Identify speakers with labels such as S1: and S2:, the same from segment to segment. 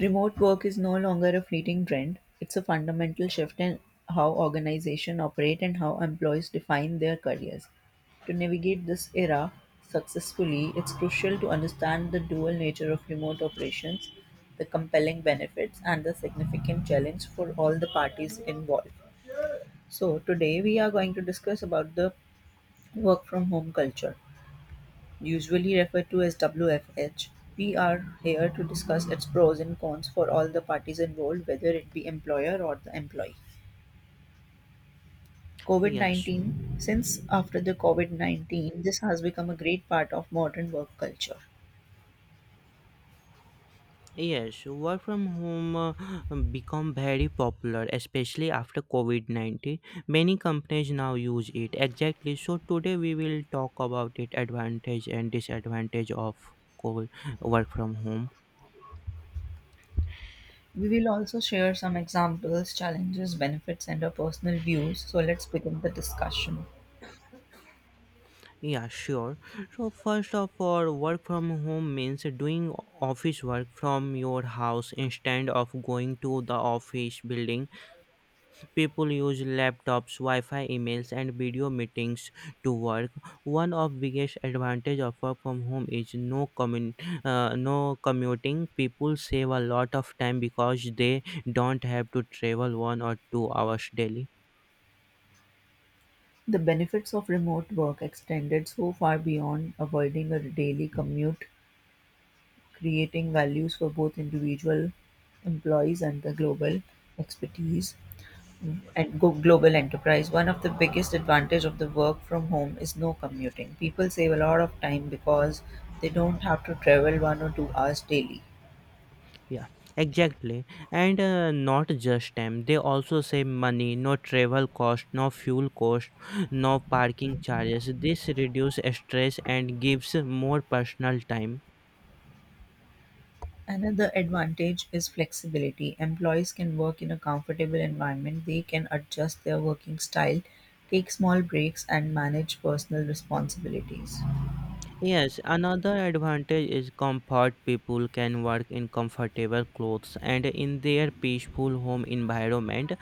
S1: Remote work is no longer a fleeting trend, it's a fundamental shift in how organizations operate and how employees define their careers. To navigate this era successfully, it's crucial to understand the dual nature of remote operations, the compelling benefits, and the significant challenge for all the parties involved. So, today we are going to discuss about the work from home culture. Usually referred to as WfH, we are here to discuss its pros and cons for all the parties involved, whether it be employer or the employee. COVID
S2: Yes,
S1: 19 Since after the COVID COVID-19, this has become a great part of modern work culture.
S2: yes. Work from home become very popular, especially after COVID 19. Many companies now use it. Exactly. So today we will talk about it advantage and disadvantage of co- work from home.
S1: We will also share some examples, challenges, benefits, and our personal views. So let's begin the discussion.
S2: Yeah, sure. So first of all, work from home means doing office work from your house instead of going to the office building. People use laptops, Wi-Fi, emails, and video meetings to work. One of biggest advantage of work from home is no commuting. People save a lot of time because they don't have to travel 1 or 2 hours daily.
S1: The benefits of remote work extended so far beyond avoiding a daily commute, creating values for both individual employees and the global expertise and global enterprise. One of the biggest advantage of the work from home is no commuting. People save a lot of time because they don't have to travel 1 or 2 hours daily.
S2: Yeah, exactly. And not just time, they also save money. No travel cost, no fuel cost, no parking charges. This reduces stress and gives more personal time.
S1: Another advantage is flexibility. Employees can work in a comfortable environment. They can adjust their working style, take small breaks, and manage personal responsibilities.
S2: Yes, another advantage is comfort. People can work in comfortable clothes and in their peaceful home environment,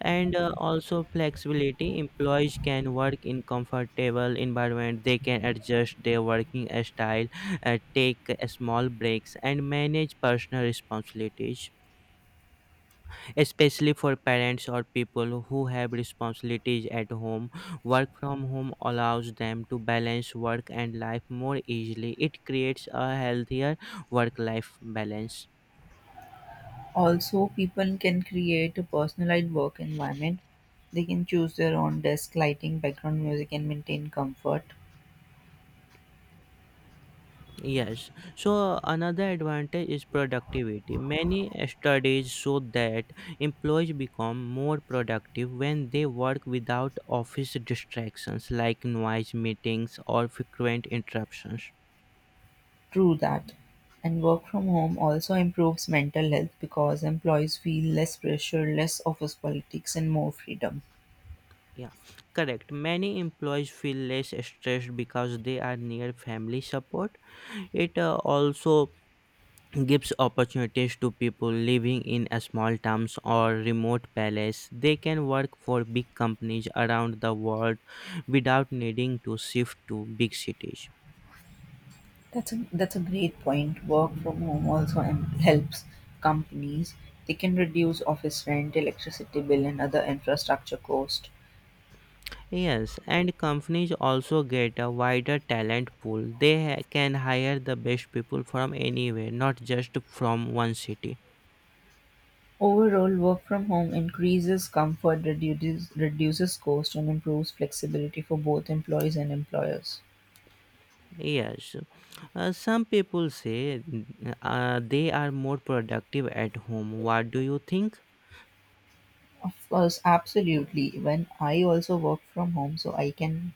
S2: and also flexibility. Employees can work in comfortable environment. They can adjust their working style, take small breaks, and manage personal responsibilities especially for parents or people who have responsibilities at home. Work from home allows them to balance work and life more easily. It creates a healthier work life balance.
S1: Also, people can create a personalized work environment. They can choose their own desk lighting, background music, and maintain comfort
S2: Yes, so another advantage is productivity. Many studies show that employees become more productive when they work without office distractions like noise, meetings, or frequent interruptions.
S1: through that. And work from home also improves mental health because employees feel less pressure, less office politics, and more freedom.
S2: Yeah, correct. Many employees feel less stressed because they are near family support. It also gives opportunities to people living in a small towns or remote places. They can work for big companies around the world without needing to shift to big cities.
S1: That's a great point. Work from home also helps companies. They can reduce office rent, electricity bill, and other infrastructure cost.
S2: Yes, and companies also get a wider talent pool. Can hire the best people from anywhere, not just from one city.
S1: Overall, work from home increases comfort, reduces cost, and improves flexibility for both employees and employers.
S2: Yes, some people say they are more productive at home. What do you think?
S1: Of course, absolutely. When I also work from home, so I can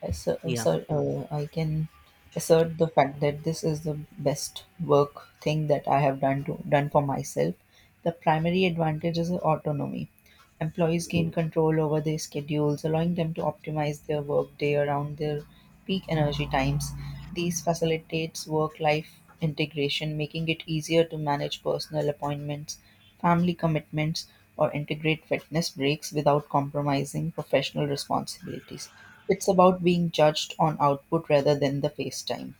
S1: assert,
S2: Yeah,
S1: assert I can assert the fact that this is the best work thing that I have done for myself. The primary advantage is autonomy. Employees gain control over their schedules, allowing them to optimize their workday around their peak energy times. These facilitates work-life integration, making it easier to manage personal appointments, family commitments, or integrate fitness breaks without compromising professional responsibilities. It's about being judged on output rather than the face time.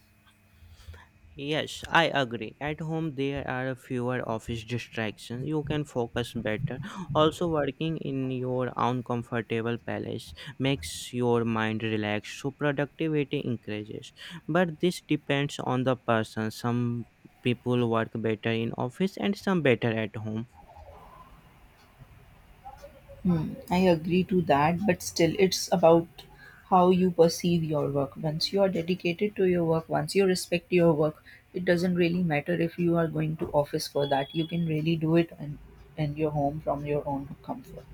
S2: yes, I agree. At home, there are fewer office distractions. You can focus better. Also, working in your own comfortable palace makes your mind relaxed, so productivity increases. But this depends on the person. Some people work better in office and some better at home.
S1: Hmm, I agree to that, but still, it's about how you perceive your work. Once you are dedicated to your work, once you respect your work, it doesn't really matter if you are going to office for that. You can really do it in your home from your own comfort.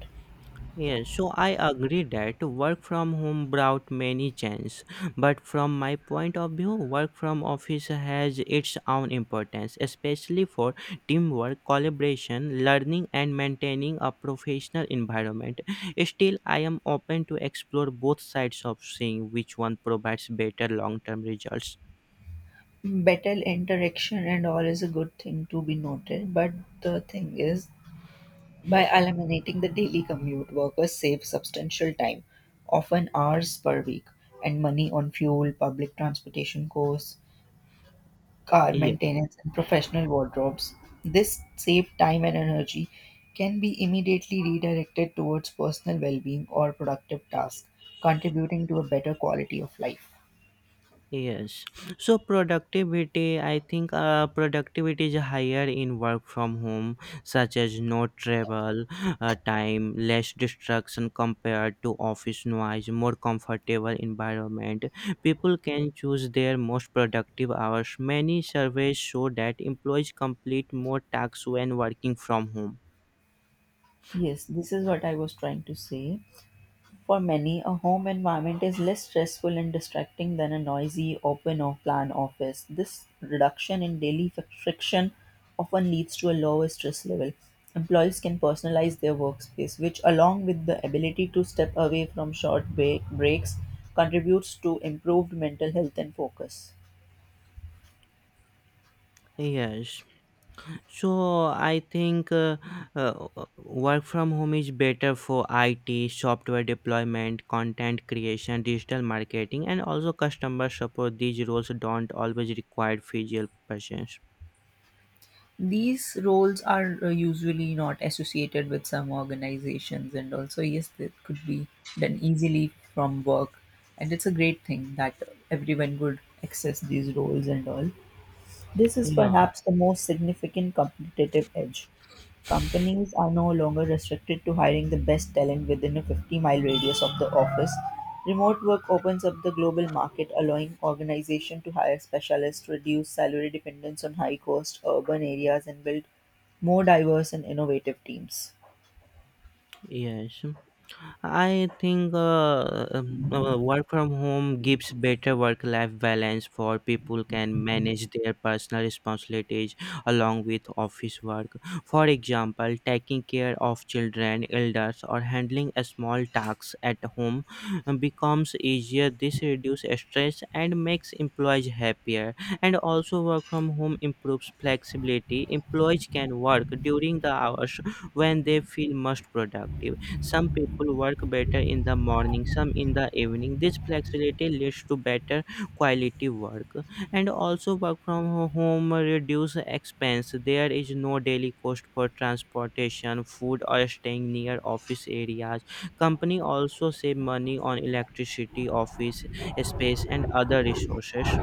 S2: Yes, so I agree that work from home brought many changes, but from my point of view, work from office has its own importance, especially for teamwork, collaboration, learning, and maintaining a professional environment. Still, I am open to explore both sides of seeing which one provides better long-term results.
S1: Better interaction and all is a good thing to be noted, but the thing is, by eliminating the daily commute, workers save substantial time, often hours per week, and money on fuel, public transportation costs, car maintenance, and professional wardrobes. This saved time and energy can be immediately redirected towards personal well being or productive tasks, contributing to a better quality of life.
S2: Yes. So productivity, I think productivity is higher in work from home, such as no travel time, less distraction compared to office noise, more comfortable environment. People can choose their most productive hours. Many surveys show that employees complete more tasks when working from home.
S1: Yes, this is what I was trying to say. For many, a home environment is less stressful and distracting than a noisy, open, or plan office. This reduction in daily friction often leads to a lower stress level. Employees can personalize their workspace, which, along with the ability to step away from short breaks, contributes to improved mental health and focus.
S2: Yes. So I think uh, work from home is better for IT, software deployment, content creation, digital marketing, and also customer support. These roles don't always require physical presence.
S1: These roles are usually not associated with some organizations, and also, yes, they could be done easily from work. And it's a great thing that everyone could access these roles and all. This is
S2: Yeah.
S1: perhaps the most significant competitive edge. Companies are no longer restricted to hiring the best talent within a 50-mile radius of the office. Remote work opens up the global market, allowing organizations to hire specialists, reduce salary dependence on high cost urban areas, and build more diverse and innovative teams.
S2: Yes. I think work from home gives better work life balance for people can manage their personal responsibilities along with office work. For example, taking care of children, elders, or handling a small tasks at home becomes easier. This reduces stress and makes employees happier. And also, work from home improves flexibility. Employees can work during the hours when they feel most productive. Some people work better in the morning, some in the evening. This flexibility leads to better quality work. And also, home reduce expense. There is no daily cost for transportation, food, or staying near office areas. Company also save money on electricity, office space, and other resources.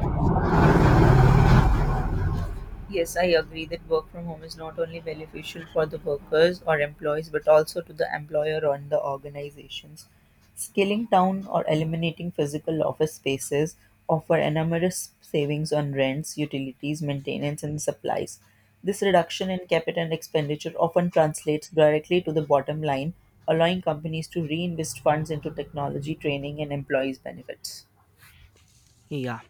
S1: Yes, I agree that work from home is not only beneficial for the workers or employees, but also to the employer and the organizations. Scaling down or eliminating physical office spaces offer enormous savings on rents, utilities, maintenance, and supplies. This reduction in capital expenditure often translates directly to the bottom line, allowing companies to reinvest funds into technology, training, and employees' benefits.
S2: Yeah.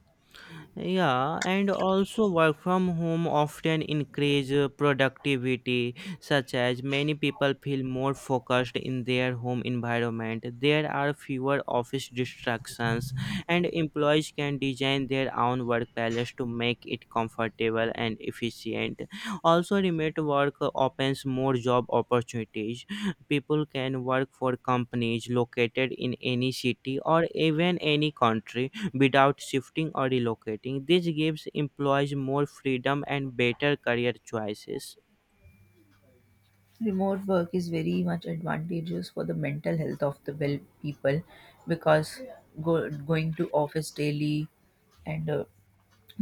S2: Yeah, and also work from home often increase productivity, such as many people feel more focused in their home environment. There are fewer office distractions, and employees can design their own work balance to make it comfortable and efficient. Also, remote work opens more job opportunities. People can work for companies located in any city or even any country without shifting or relocating. This gives employees more freedom and better career choices.
S1: Remote work is very much advantageous for the mental health of the well people because going to office daily and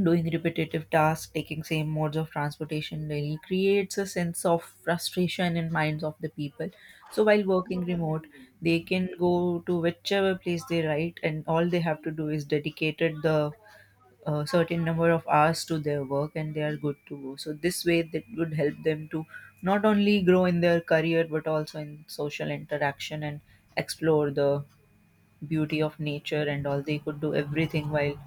S1: doing repetitive tasks, taking same modes of transportation daily creates a sense of frustration in minds of the people. So while working remote, they can go to whichever place they write and all they have to do is dedicated the a certain number of hours to their work and they are good to go. So this way that would help them to not only grow in their career but also in social interaction and explore the beauty of nature and all. They could do everything while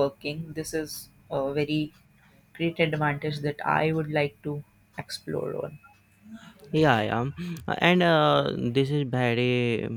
S1: working. This is a very great advantage that I would like to explore on.
S2: Yeah, yeah. And this is very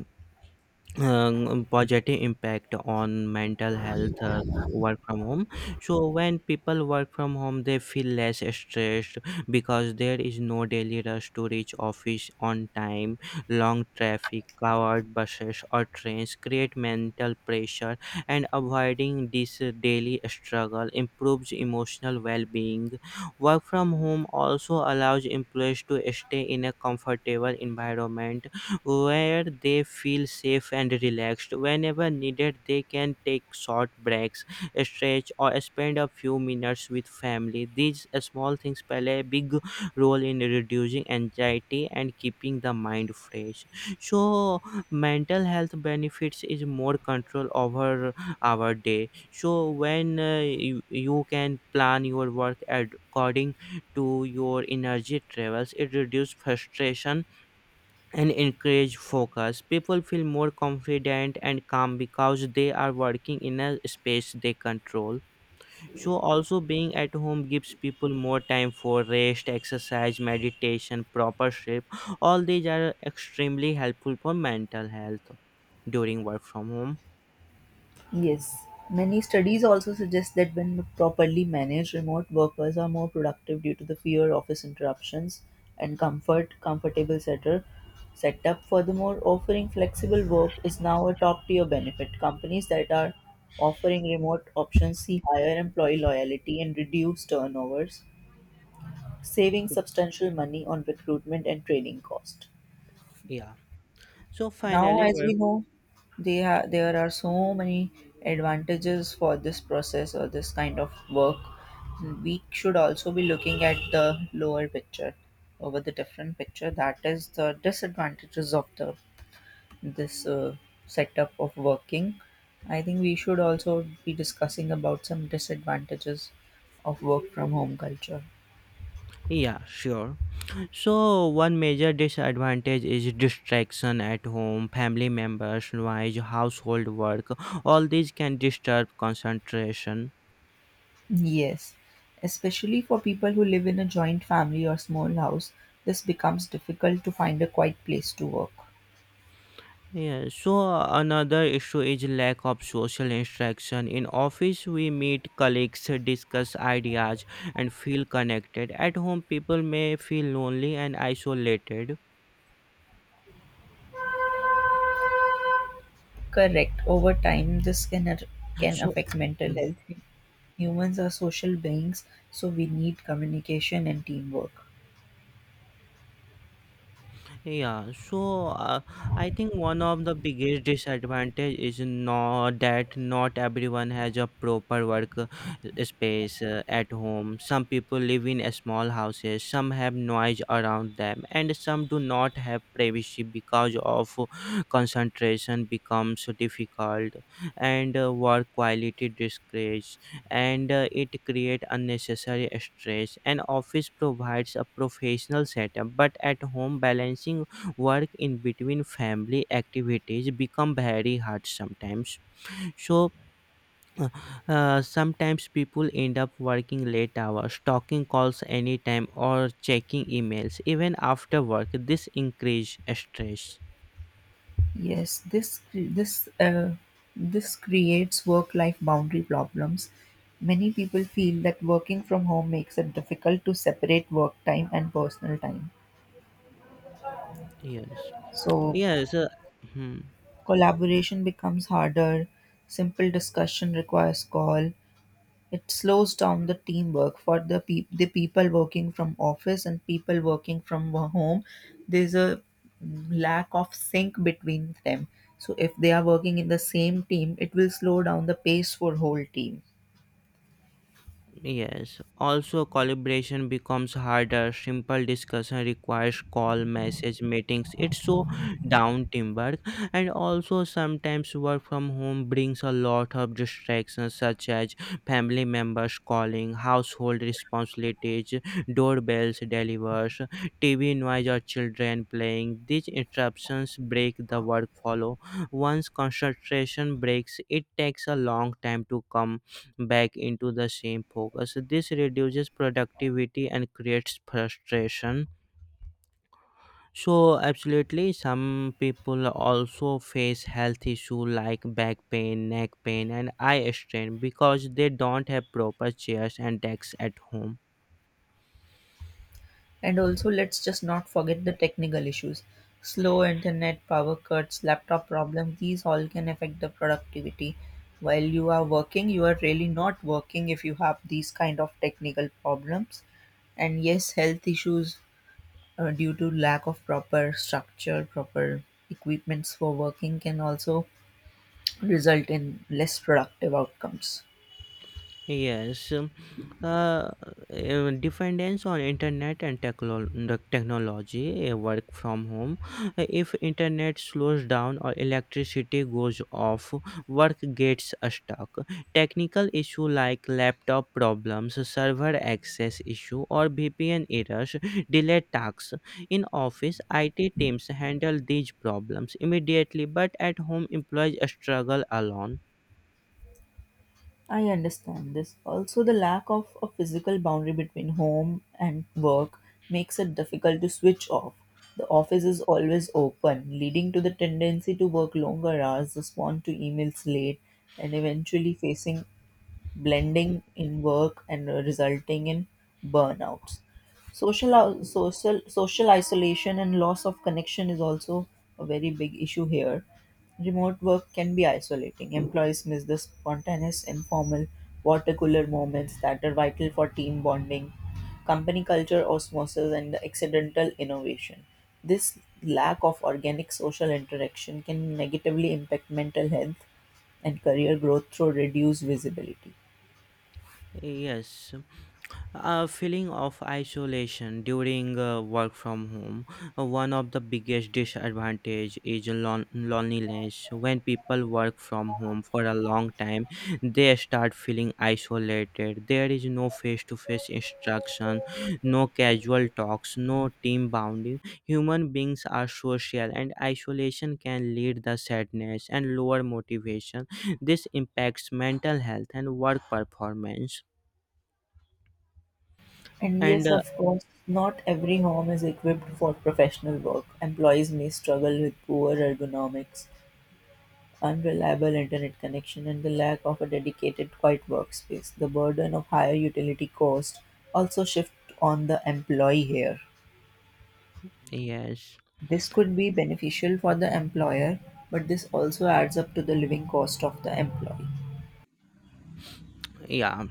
S2: positive impact on mental health work from home. So when people work from home they feel less stressed because there is no daily rush to reach office on time. Long traffic, crowded buses or trains create mental pressure, and avoiding this daily struggle improves emotional well-being. Work from home also allows employees to stay in a comfortable environment where they feel safe and relaxed. Whenever needed, they can take short breaks, stretch, or spend a few minutes with family. These small things play a big role in reducing anxiety and keeping the mind fresh. So, mental health benefits is more control over our day. So, when you can plan your work according to your energy travels, it reduces frustration and encourage focus. People feel more confident and calm because they are working in a space they control. So, also being at home gives people more time for rest, exercise, meditation, proper sleep. All these are extremely helpful for mental health during work from home.
S1: Yes, many studies also suggest that when properly managed, remote workers are more productive due to the fewer office interruptions and setup. Furthermore, offering flexible work is now a top tier benefit. Companies that are offering remote options see higher employee loyalty and reduce turnovers, saving substantial money on recruitment and training cost.
S2: Yeah. So,
S1: Now,
S2: finally,
S1: as we
S2: work.
S1: know, there are so many advantages for this process or this kind of work. We should also be looking at the lower picture over the different picture. That is the disadvantages of the this setup of working. I think we should also be discussing about some disadvantages of work from home culture.
S2: Yeah, sure. So, one major disadvantage is distraction at home, family members, noise, household work. All these can disturb concentration.
S1: Yes, especially for people who live in a joint family or small house, this becomes difficult to find a quiet place to work.
S2: Yeah. So another issue is lack of social interaction. In office, we meet colleagues, discuss ideas, and feel connected. At home, people may feel lonely and isolated.
S1: Correct. Over time, can
S2: So,
S1: affect mental
S2: mm-hmm.
S1: health. Humans are social beings, so we need communication and teamwork.
S2: Yeah, so I think one of the biggest disadvantage is not that not everyone has a proper work space at home. Some people live in a small houses, some have noise around them, and some do not have privacy because of concentration becomes difficult and work quality decreases and it creates unnecessary stress. An office provides a professional setup, but at home balancing work in between family activities become very hard sometimes, so uh, sometimes people end up working late hours, talking calls anytime or checking emails even after work. This increase stress.
S1: Yes, this creates work-life boundary problems. Many people feel that working from home makes it difficult to separate work time and personal time.
S2: Yes.
S1: So
S2: yes uh, hmm.
S1: collaboration becomes harder, simple discussion requires call. It slows down the teamwork for the people working from office and people working from home. There's a lack of sync between them. So if they are working in the same team, it will slow down the pace for whole team.
S2: Yes. Also, collaboration becomes harder. Simple discussion requires call, message, meetings. It's so down teamwork. And also, sometimes work from home brings a lot of distractions, such as family members calling, household responsibilities, doorbells, delivers, TV noise, or children playing. These interruptions break the work flow. Once concentration breaks, it takes a long time to come back into the same focus. This reduces productivity and creates frustration. So, absolutely, some people also face health issues like back pain, neck pain, and eye strain because they don't have proper chairs and desks at home.
S1: And also let's just not forget the technical issues. Slow internet, power cuts, laptop problems, these all can affect the productivity. While you are working, you are really not working if you have these kind of technical problems. And yes, health issues due to lack of proper structure, proper equipments for working can also result in less productive outcomes.
S2: Yes, uh, dependence on internet and the technology, work from home. If internet slows down or electricity goes off, work gets stuck. Technical issue like laptop problems, server access issue, or VPN errors delay tasks. In office, IT teams handle these problems immediately, but at home, employees struggle alone.
S1: I understand this. Also, the lack of a physical boundary between home and work makes it difficult to switch off. The office is always open, leading to the tendency to work longer hours, respond to emails late, and eventually facing blending in work and resulting in burnouts. Social isolation and loss of connection is also a very big issue here. Remote work can be isolating. Employees miss the spontaneous, informal, water cooler moments that are vital for team bonding, company culture osmosis, and the accidental innovation. This lack of organic social interaction can negatively impact mental health and career growth through reduced visibility.
S2: Yes, a feeling of isolation during work from home. One of the biggest disadvantage is loneliness. When people work from home for a long time, they start feeling isolated. There is no face-to-face instruction, no casual talks, no team bonding. Human beings are social, and isolation can lead to sadness and lower motivation. This impacts mental health and work performance.
S1: And
S2: And
S1: yes, of course, not every home is equipped for professional work. Employees may struggle with poor ergonomics, unreliable internet connection, and the lack of a dedicated quiet workspace. The burden of higher utility costs also shift on the employee here.
S2: Yes.
S1: This could be beneficial for the employer, but this also adds up to the living cost of the employee.
S2: Yeah,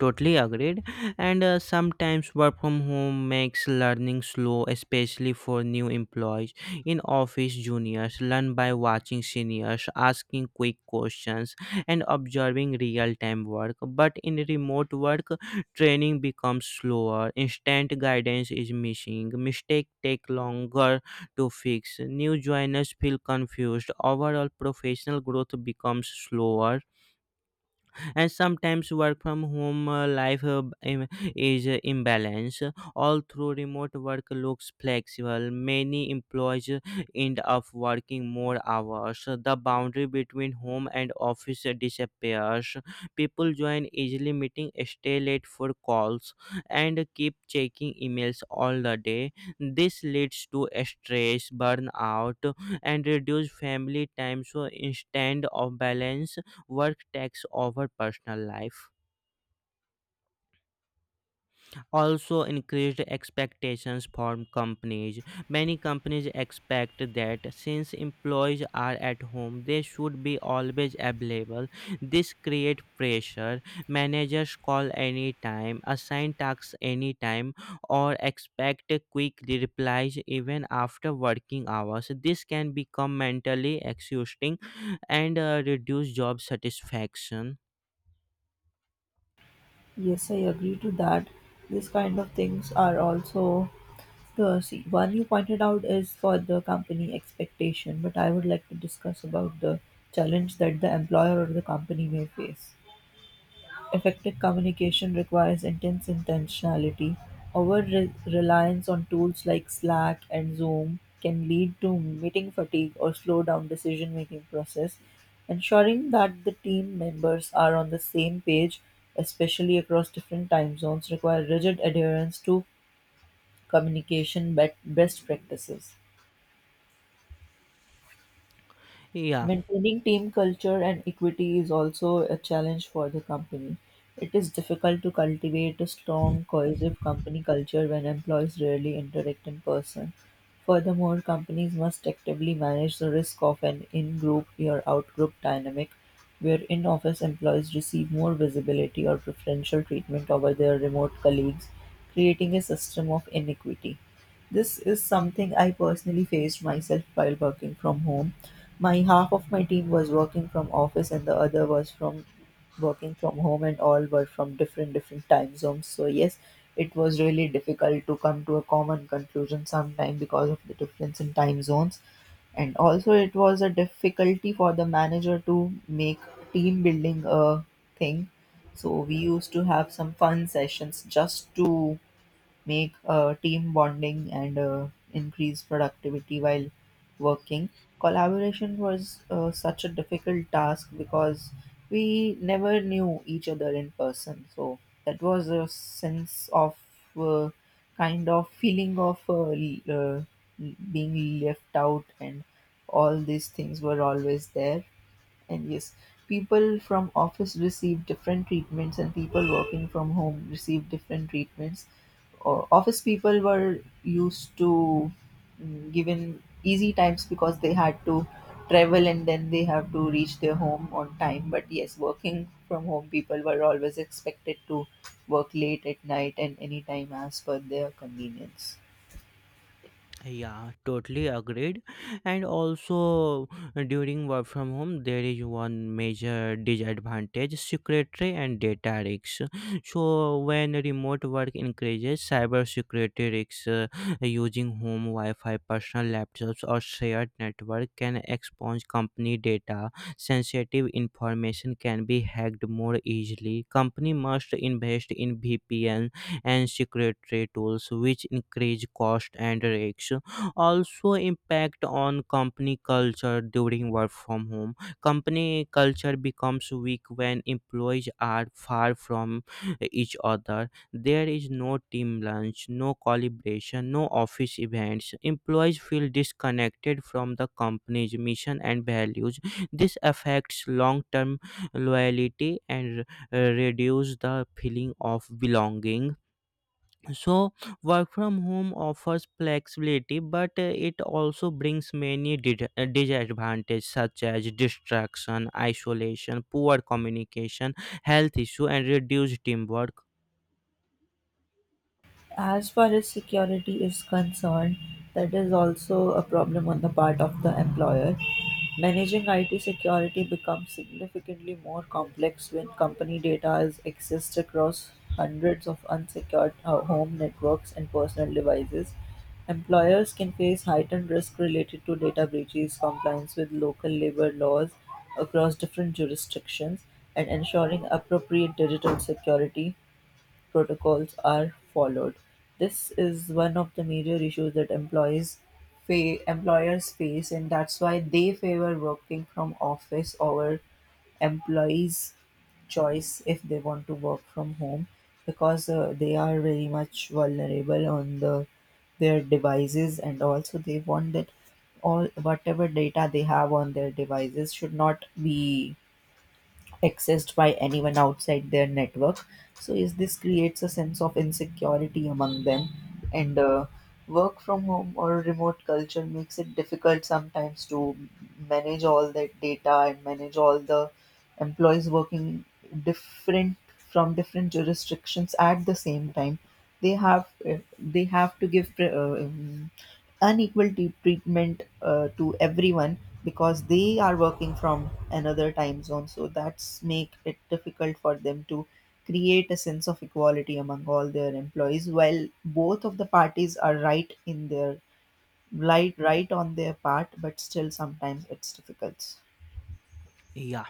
S2: totally agreed. And sometimes work from home makes learning slow, especially for new employees. In office, juniors learn by watching seniors, asking quick questions, and observing real time work. But in remote work, training becomes slower, instant guidance is missing, mistakes take longer to fix, new joiners feel confused, overall, professional growth becomes slower. And sometimes work from home life im- is imbalance. Although remote work looks flexible, many employees end up working more hours. The boundary between home and office disappears. People join easily meeting, stay late for calls, and keep checking emails all the day. This leads to stress, burnout, and reduced family time. So instead of balance, work takes over personal life. Also, increased expectations from companies. Many companies expect that since employees are at home they should be always available. This creates pressure. Managers call anytime, assign tasks anytime, or expect quick replies even after working hours. This can become mentally exhausting and reduce job satisfaction.
S1: Yes, I agree to that. These kind of things are also one you pointed out is for the company expectation, but I would like to discuss about the challenge that the employer or the company may face. Effective communication requires intense intentionality. Over-reliance on tools like Slack and Zoom can lead to meeting fatigue or slow down decision-making process. Ensuring that the team members are on the same page, especially across different time zones, require rigid adherence to best practices.
S2: Yeah.
S1: Maintaining team culture and equity is also a challenge for the company. It is difficult to cultivate a strong, cohesive company culture when employees rarely interact in person. Furthermore, companies must actively manage the risk of an in group or out group dynamic where in office employees receive more visibility or preferential treatment over their remote colleagues, creating a system of inequity. This is something I personally faced myself while working from home. My half of my team was working from office and the other was from working from home and all were from different time zones. So yes, it was really difficult to come to a common conclusion sometime because of the difference in time zones. And also it was a difficulty for the manager to make team building a thing. So we used to have some fun sessions just to make team bonding and increase productivity while working. Collaboration was such a difficult task because we never knew each other in person. So that was a sense of uh, kind of feeling of being left out, and all these things were always there and yes, people from office receive different treatments, and people working from home receive different treatments. Office people were used to given easy times because they had to travel and then they have to reach their home on time. But yes, working from home people were always expected to work late at night and any time as per their convenience.
S2: Yeah, totally agreed. And also, during work from home, there is one major disadvantage security and data risks. So, when remote work increases, cyber security risks, using home Wi Fi, personal laptops, or shared network can expose company data. Sensitive information can be hacked more easily. Company must invest in VPN and secretary tools which increase cost and risks. Also impact on company culture during work from home, company culture becomes weak when employees are far from each other. There is no team lunch, no collaboration, no office events. Employees feel disconnected from the company's mission and values. This affects long term loyalty and reduce the feeling of belonging. So, work from home offers flexibility, but it also brings many disadvantages such as distraction, isolation, poor communication, health issue, and reduced teamwork.
S1: As far as security is concerned, that is also a problem on the part of the employer. Managing IT security becomes significantly more complex when company data is accessed across hundreds of unsecured home networks and personal devices. Employers can face heightened risk related to data breaches, compliance with local labor laws across different jurisdictions, and ensuring appropriate digital security protocols are followed. This is one of the major issues that employers face, and that's why they favor working from office over employees' choice if they want to work from home because they are very much vulnerable on the their devices and also they want that all whatever data they have on their devices should not be accessed by anyone outside their network. So, is this creates a sense of insecurity among them, and work from home or remote culture makes it difficult sometimes to manage all that data and manage all the employees working different from different jurisdictions at the same time. They have to give unequal treatment to everyone because they are working from another time zone, so that's make it difficult for them to create a sense of equality among all their employees while both of the parties are right in their right on their part, but still sometimes it's difficult.
S2: Yeah.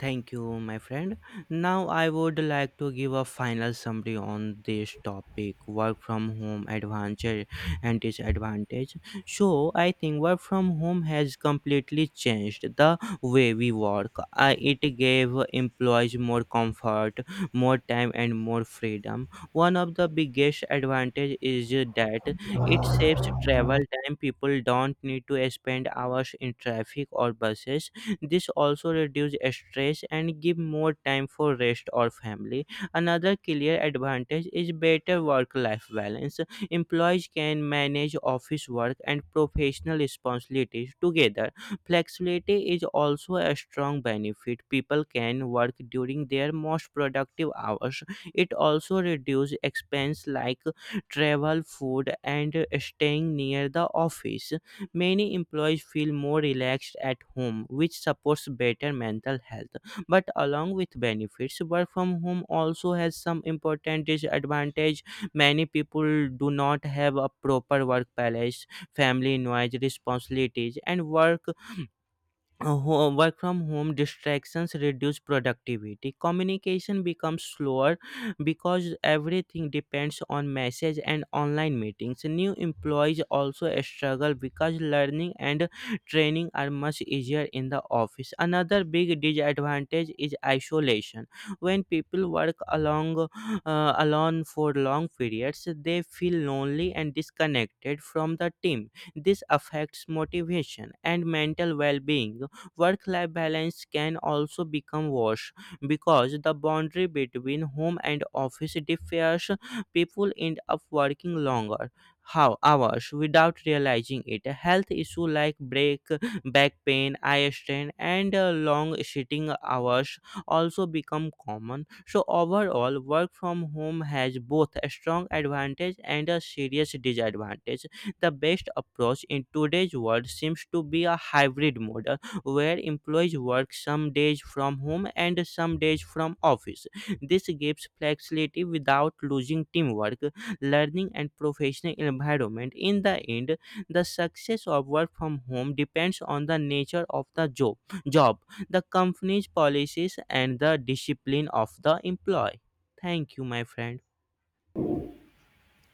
S2: Thank you, my friend. Now, I would like to give a final summary on this topic work from home advantage and disadvantage. So, I think work from home has completely changed the way we work. I it gave employees more comfort, more time, and more freedom. One of the biggest advantage is that it saves travel time. People don't need to spend hours in traffic or buses. This also reduces stress and give more time for rest or family. Another clear advantage is better work-life balance. Employees can manage office work and professional responsibilities together. Flexibility is also a strong benefit. People can work during their most productive hours. It also reduces expense like travel, food, and staying near the office. Many employees feel more relaxed at home, which supports better mental health. But along with benefits, work from home also has some important disadvantage. Many people do not have a proper work balance, family noise, responsibilities, and work work from home distractions reduce productivity. Communication becomes slower because everything depends on message and online meetings. New employees also struggle because learning and training are much easier in the office. Another big disadvantage is isolation. When people work along alone for long periods, they feel lonely and disconnected from the team. This affects motivation and mental well-being. Work life balance can also become worse because the boundary between home and office differs. People end up working longer how hours without realizing it. Health issue like break back pain, eye strain, and long sitting hours also become common. So overall, work from home has both a strong advantage and a serious disadvantage. The best approach in today's world seems to be a hybrid mode where employees work some days from home and some days from office. This gives flexibility without losing teamwork, learning, and professional environment. In the end, the success of work from home depends on the nature of the job, the company's policies, and the discipline of the employee. Thank you, my friend.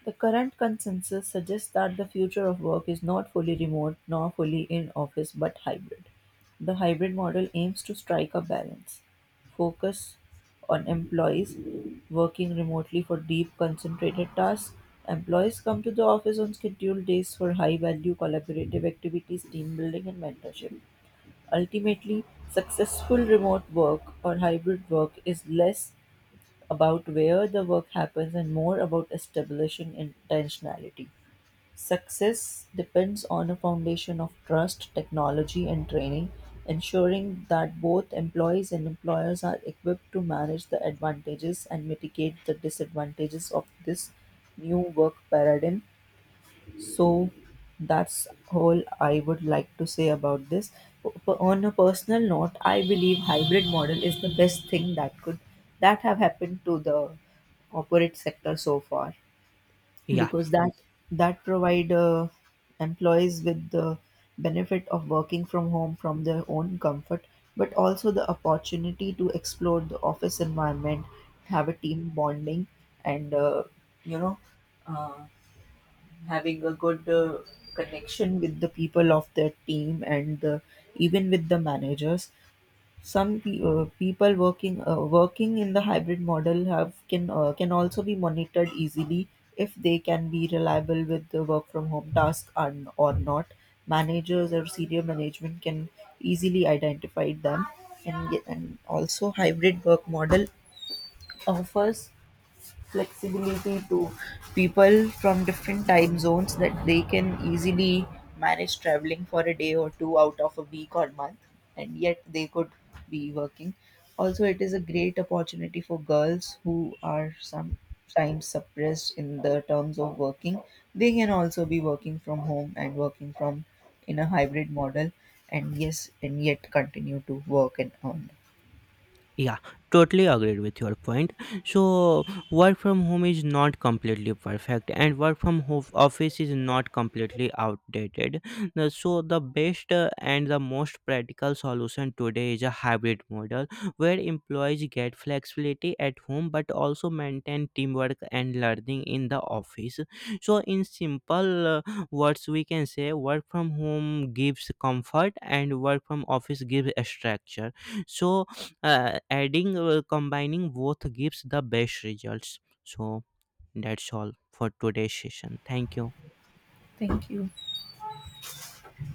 S1: The current consensus suggests that the future of work is not fully remote nor fully in office but hybrid. The hybrid model aims to strike a balance, focus on employees working remotely for deep, concentrated tasks. Employees come to the office on scheduled days for high value collaborative activities, team building, and mentorship. Ultimately, successful remote work or hybrid work is less about where the work happens and more about establishing intentionality. Success depends on a foundation of trust, technology, and training, ensuring that both employees and employers are equipped to manage the advantages and mitigate the disadvantages of this new work paradigm, so that's all I would like to say about this. On a personal note, I believe hybrid model is the best thing that could that have happened to the corporate sector so far
S2: Yeah.
S1: because that provide employees with the benefit of working from home from their own comfort, but also the opportunity to explore the office environment, have a team bonding, and you know uh, having a good connection with the people of their team and the, even with the managers. Some pe- people working working in the hybrid model have can also be monitored easily if they can be reliable with the work from home task and or not. Managers or senior management can easily identify them, and also hybrid work model offers flexibility to people from different time zones, that they can easily manage traveling for a day or two out of a week or month, and yet they could be working. Also it is a great opportunity for girls who are sometimes suppressed in the terms of working. They can also be working from home and working from in a hybrid model, and yet continue to work and earn.
S2: Yeah, totally agreed with your point. So, work from home is not completely perfect, and work from home office is not completely outdated. So, the best and the most practical solution today is a hybrid model where employees get flexibility at home but also maintain teamwork and learning in the office. So, in simple words, we can say work from home gives comfort and work from office gives structure. So, adding combining both gives the best results. So that's all for today's session. Thank you.
S1: Thank you.